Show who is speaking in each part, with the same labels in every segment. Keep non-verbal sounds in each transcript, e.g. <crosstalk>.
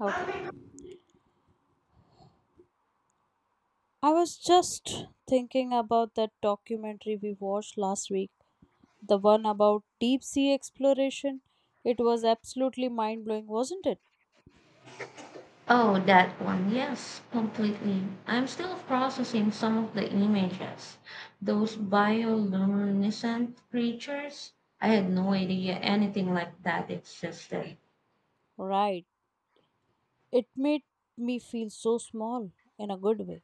Speaker 1: Okay. I was just thinking about that documentary we watched last week, the one about deep sea exploration. It was absolutely mind blowing, wasn't it?
Speaker 2: Oh, that one. Yes, completely. I'm still processing some of the images. Those bioluminescent creatures. I had no idea anything like that existed.
Speaker 1: Right. It made me feel so small in a good way.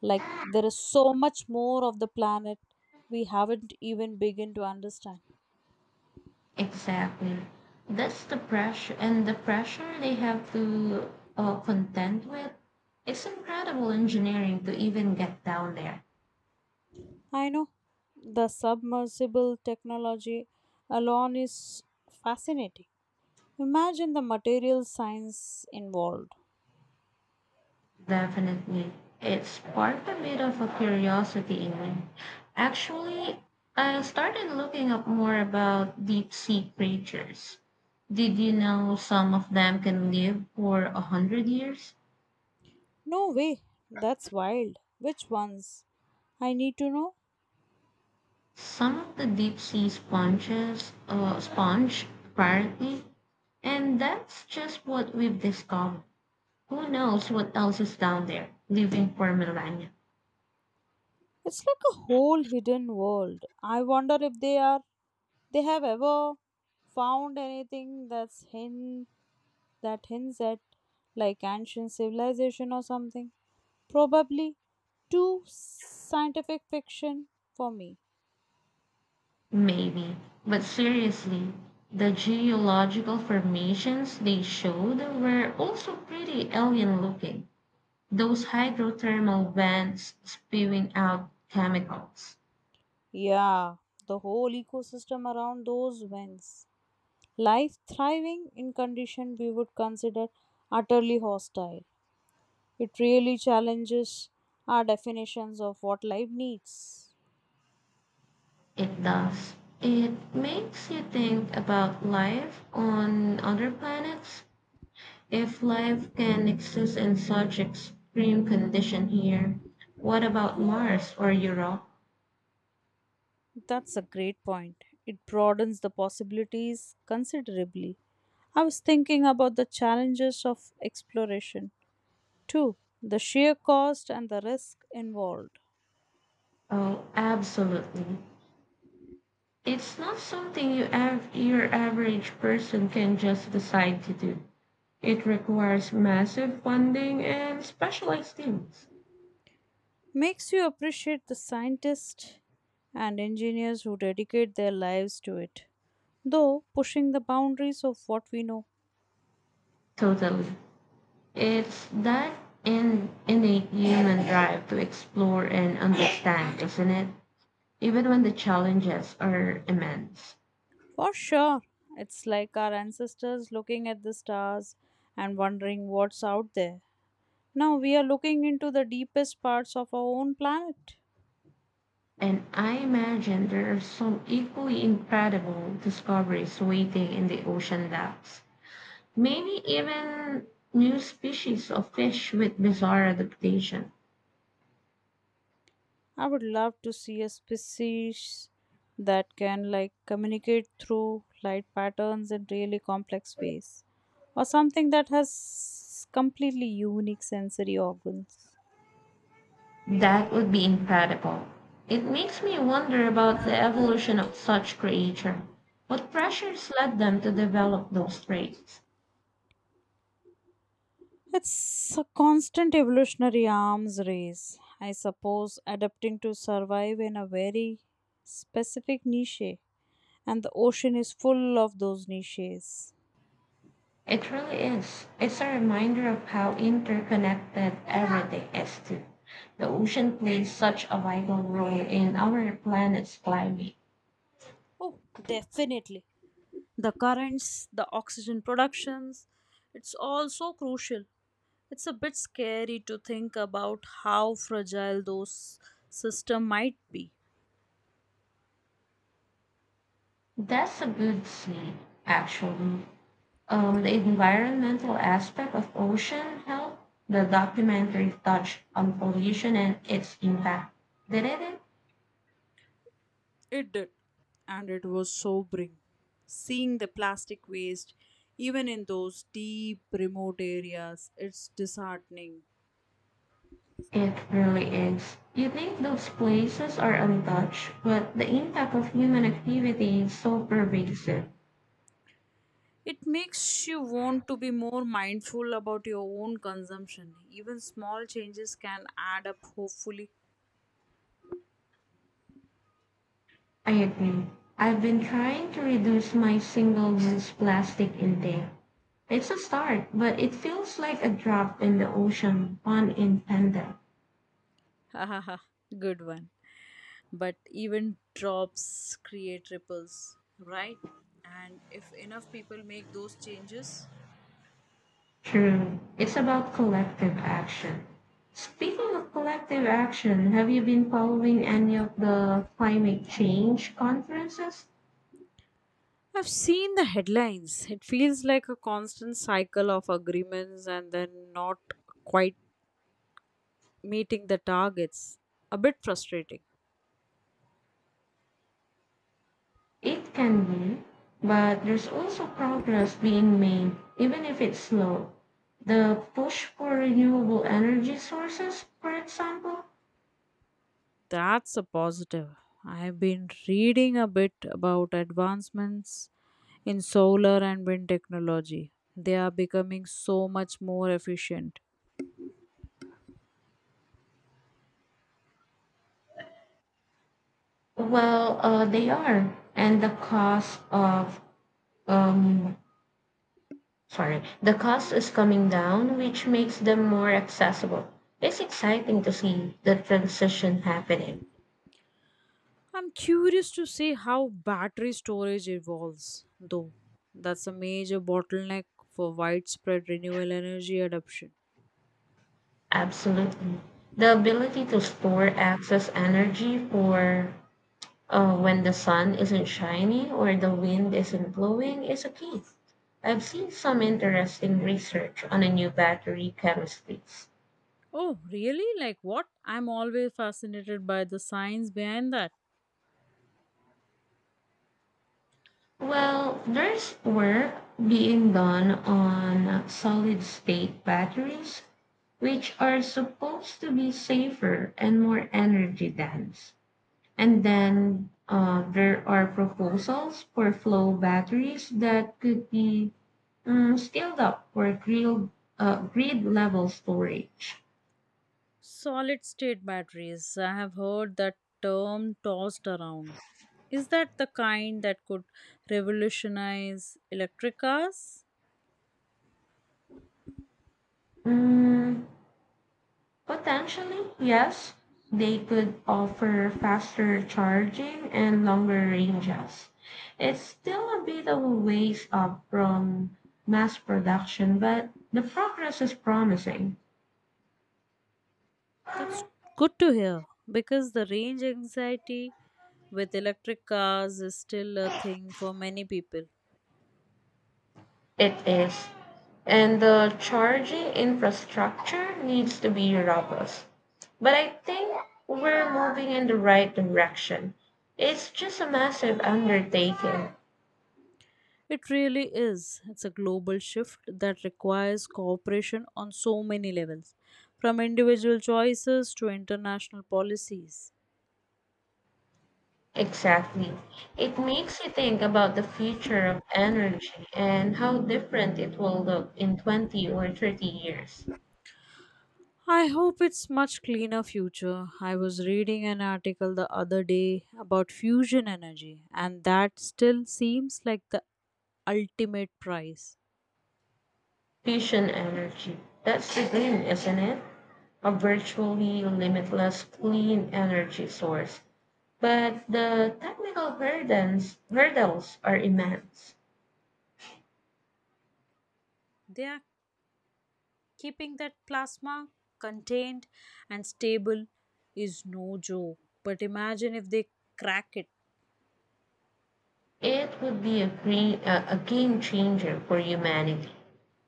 Speaker 1: Like there is so much more of the planet we haven't even begun to understand.
Speaker 2: Exactly. That's the pressure, and the pressure they have to contend with. It's incredible engineering to even get down there.
Speaker 1: I know the submersible technology alone is fascinating. Imagine the material science involved.
Speaker 2: Definitely. It sparked a bit of a curiosity in me. Actually, I started looking up more about deep sea creatures. Did you know some of them can live for a hundred years?
Speaker 1: No way. That's wild. Which ones? I need to know.
Speaker 2: Some of the deep sea sponges, sponge, apparently. And that's just what we've discovered. Who knows what else is down there, living for millennia.
Speaker 1: It's like a whole hidden world. I wonder if they have ever found anything that hints at like ancient civilization or something. Probably too scientific fiction for me.
Speaker 2: Maybe. But seriously, the geological formations they showed were also pretty alien looking. Those hydrothermal vents spewing out chemicals.
Speaker 1: Yeah, the whole ecosystem around those vents. Life thriving in conditions we would consider utterly hostile. It really challenges our definitions of what life needs.
Speaker 2: It does. It makes you think about life on other planets. If life can exist in such extreme condition here, what about Mars or Europe?
Speaker 1: That's a great point. It broadens the possibilities considerably. I was thinking about the challenges of exploration too. The sheer cost and the risk involved
Speaker 2: Oh, absolutely. It's not something your average person can just decide to do. It requires massive funding and specialized teams.
Speaker 1: makes you appreciate the scientists and engineers who dedicate their lives to it, though pushing the boundaries of what we know.
Speaker 2: Totally. It's that innate human drive to explore and understand, isn't it? Even when the challenges are immense.
Speaker 1: For sure. It's like our ancestors looking at the stars and wondering what's out there. Now we are looking into the deepest parts of our own planet.
Speaker 2: And I imagine there are some equally incredible discoveries waiting in the ocean depths. Maybe even new species of fish with bizarre adaptation
Speaker 1: I would love to see a species that can like communicate through light patterns in really complex ways, or something that has completely unique sensory organs.
Speaker 2: that would be incredible. It makes me wonder about the evolution of such creature. What pressures led them to develop those traits?
Speaker 1: It's a constant evolutionary arms race, I suppose, adapting to survive in a very specific niche. And the ocean is full of those niches.
Speaker 2: It really is. It's a reminder of how interconnected everything is too. The ocean plays such a vital role in our planet's climate.
Speaker 1: Oh, definitely. The currents, the oxygen productions, it's all so crucial. It's a bit scary to think about how fragile those systems might be.
Speaker 2: That's a good seed, actually. The environmental aspect of ocean health, the documentary touched on pollution and its impact. Didn't it?
Speaker 1: It did, and it was sobering. Seeing the plastic waste, even in those deep, remote areas, it's disheartening.
Speaker 2: It really is. You think those places are untouched, but the impact of human activity is so pervasive.
Speaker 1: It makes you want to be more mindful about your own consumption. Even small changes can add up, hopefully.
Speaker 2: I agree. I've been trying to reduce my single-use plastic intake. It's a start, but it feels like a drop in the ocean, pun intended.
Speaker 1: <laughs> Hahaha, good one. But even drops create ripples, right? And if enough people make those changes.
Speaker 2: True. It's about collective action. Speaking of collective action, have you been following any of the climate change conferences?
Speaker 1: I've seen the headlines. It feels like a constant cycle of agreements and then not quite meeting the targets. A bit frustrating.
Speaker 2: It can be, but there's also progress being made, even if it's slow. The push for renewable energy sources, for example,
Speaker 1: That's a positive. I've been reading a bit about advancements in solar and wind technology. They are becoming so much more efficient.
Speaker 2: well, they are, and um, the cost is coming down, which makes them more accessible. It's exciting to see the transition happening.
Speaker 1: I'm curious to see how battery storage evolves, though. That's a major bottleneck for widespread renewable energy adoption.
Speaker 2: Absolutely. The ability to store excess energy for when the sun isn't shining or the wind isn't blowing is a key. I've seen some interesting research on a new battery chemistries.
Speaker 1: Oh, really? Like what? I'm always fascinated by the science behind that.
Speaker 2: Well, there's work being done on solid state batteries, which are supposed to be safer and more energy dense. And then there are proposals for flow batteries that could be scaled up for grid level storage.
Speaker 1: Solid state batteries. I have heard that term tossed around. Is that the kind that could revolutionize electric cars?
Speaker 2: Mm, Potentially, yes. They could offer faster charging and longer ranges. It's still a bit of a ways up from mass production, but the progress is promising.
Speaker 1: That's good to hear, because the range anxiety with electric cars is still a thing for many people.
Speaker 2: It is. And the charging infrastructure needs to be robust. But I think we're moving in the right direction. It's just a massive undertaking.
Speaker 1: It really is. It's a global shift that requires cooperation on so many levels, from individual choices to international policies.
Speaker 2: Exactly. It makes you think about the future of energy and how different it will look in 20 or 30 years.
Speaker 1: I hope it's much cleaner future. I was reading an article the other day about fusion energy, and that still seems like the ultimate prize.
Speaker 2: Fusion energy. That's the dream, isn't it? A virtually limitless clean energy source. But the technical burdens, hurdles are immense.
Speaker 1: They are keeping that plasma contained and stable is no joke. But imagine if they crack it.
Speaker 2: It would be a game changer for humanity.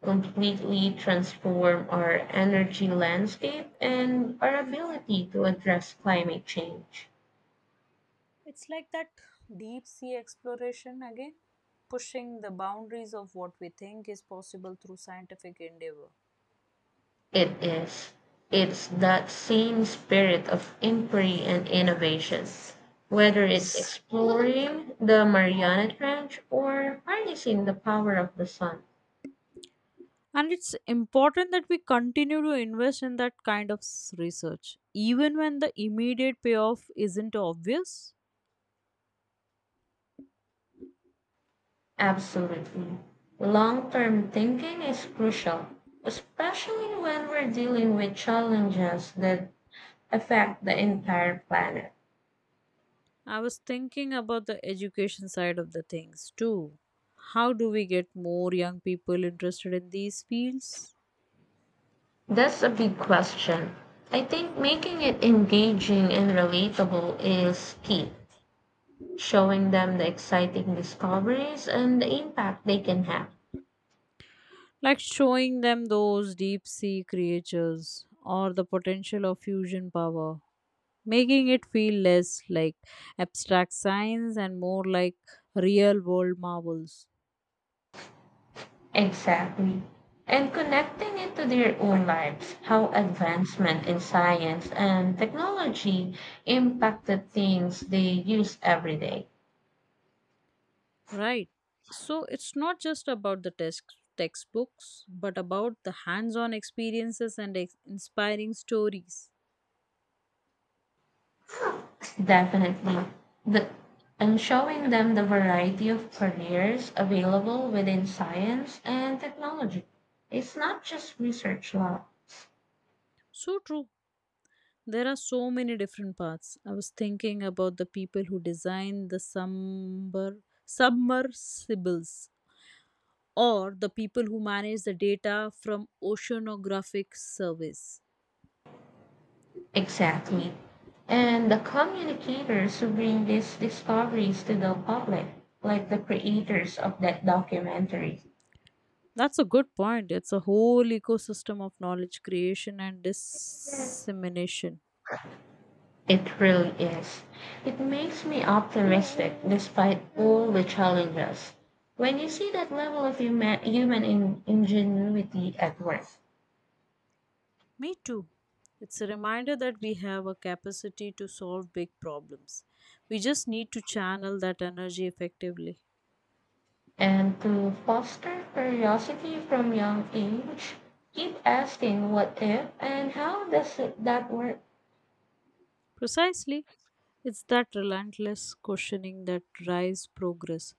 Speaker 2: Completely transform our energy landscape and our ability to address climate change.
Speaker 1: It's like that deep sea exploration again, pushing the boundaries of what we think is possible through scientific endeavor.
Speaker 2: It is. It's that same spirit of inquiry and innovation, whether it's exploring the Mariana Trench or harnessing the power of the sun.
Speaker 1: And it's important that we continue to invest in that kind of research, even when the immediate payoff isn't obvious.
Speaker 2: Absolutely. Long term thinking is crucial, especially when we're dealing with challenges that affect the entire planet.
Speaker 1: I was thinking about the education side of the things too. How do we get more young people interested in these fields?
Speaker 2: That's a big question. I think making it engaging and relatable is key, showing them the exciting discoveries and the impact they can have.
Speaker 1: Like showing them those deep sea creatures or the potential of fusion power. Making it feel less like abstract science and more like real world marvels.
Speaker 2: Exactly. And connecting it to their own lives, how advancement in science and technology impacted things they use every day.
Speaker 1: Right, so it's not just about the textbooks, but about the hands on experiences and inspiring stories.
Speaker 2: Definitely. The, and showing them the variety of careers available within science and technology. It's not just research labs.
Speaker 1: So true, there are so many different paths. I was thinking about the people who design the sumber submersibles, or the people who manage the data from oceanographic surveys.
Speaker 2: Exactly. And the communicators who bring these discoveries to the public, like the creators of that documentary.
Speaker 1: That's a good point. It's a whole ecosystem of knowledge creation and dissemination.
Speaker 2: It really is. It makes me optimistic despite all the challenges. When you see that level of human ingenuity at work,
Speaker 1: Me too. It's a reminder that we have a capacity to solve big problems. We just need to channel that energy effectively.
Speaker 2: and to foster curiosity from young age, keep asking what if and that work?
Speaker 1: Precisely. It's that relentless questioning that drives progress.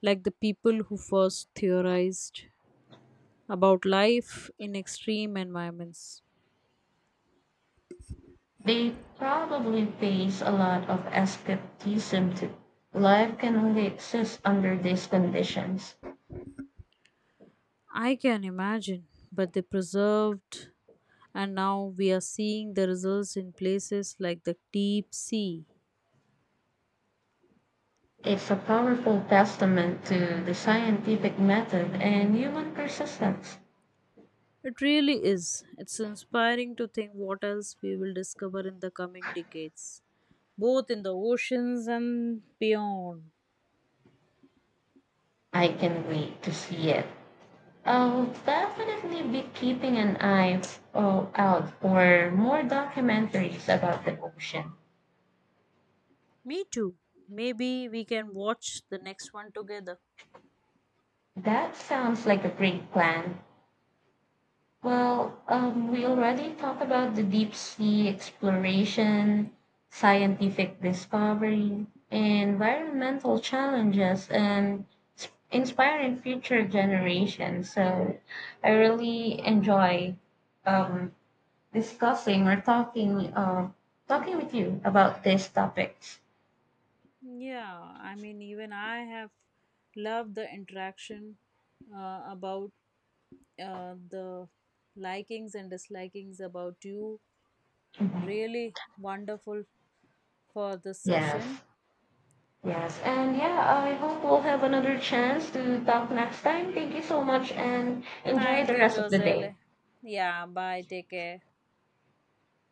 Speaker 1: Like the people who first theorized about life in extreme environments.
Speaker 2: They probably face a lot of skepticism too. Life can only exist under these conditions.
Speaker 1: I can imagine, but they preserved, and now we are seeing the results in places like the deep sea.
Speaker 2: It's a powerful testament to the scientific method and human persistence.
Speaker 1: It really is. It's inspiring to think what else we will discover in the coming decades, both in the oceans and beyond.
Speaker 2: I can wait to see it. I'll definitely be keeping an eye out for more documentaries about the ocean.
Speaker 1: Me too. Maybe we can watch the next one together.
Speaker 2: That sounds like a great plan. Well, we already talked about the deep sea exploration, scientific discovery, environmental challenges, and inspiring future generations. So I really enjoy um, discussing or talking talking with you about these topics.
Speaker 1: Yeah, I mean, even I have loved the interaction about the likings and dislikings about you.
Speaker 2: Mhm.
Speaker 1: Really wonderful for this
Speaker 2: Yes,
Speaker 1: session.
Speaker 2: yes, and yeah, I hope we'll have another chance to talk next time. Thank you so much, and enjoy
Speaker 1: Thank
Speaker 2: the
Speaker 1: you,
Speaker 2: rest of the day.
Speaker 1: Joselle. Yeah, bye. Take care.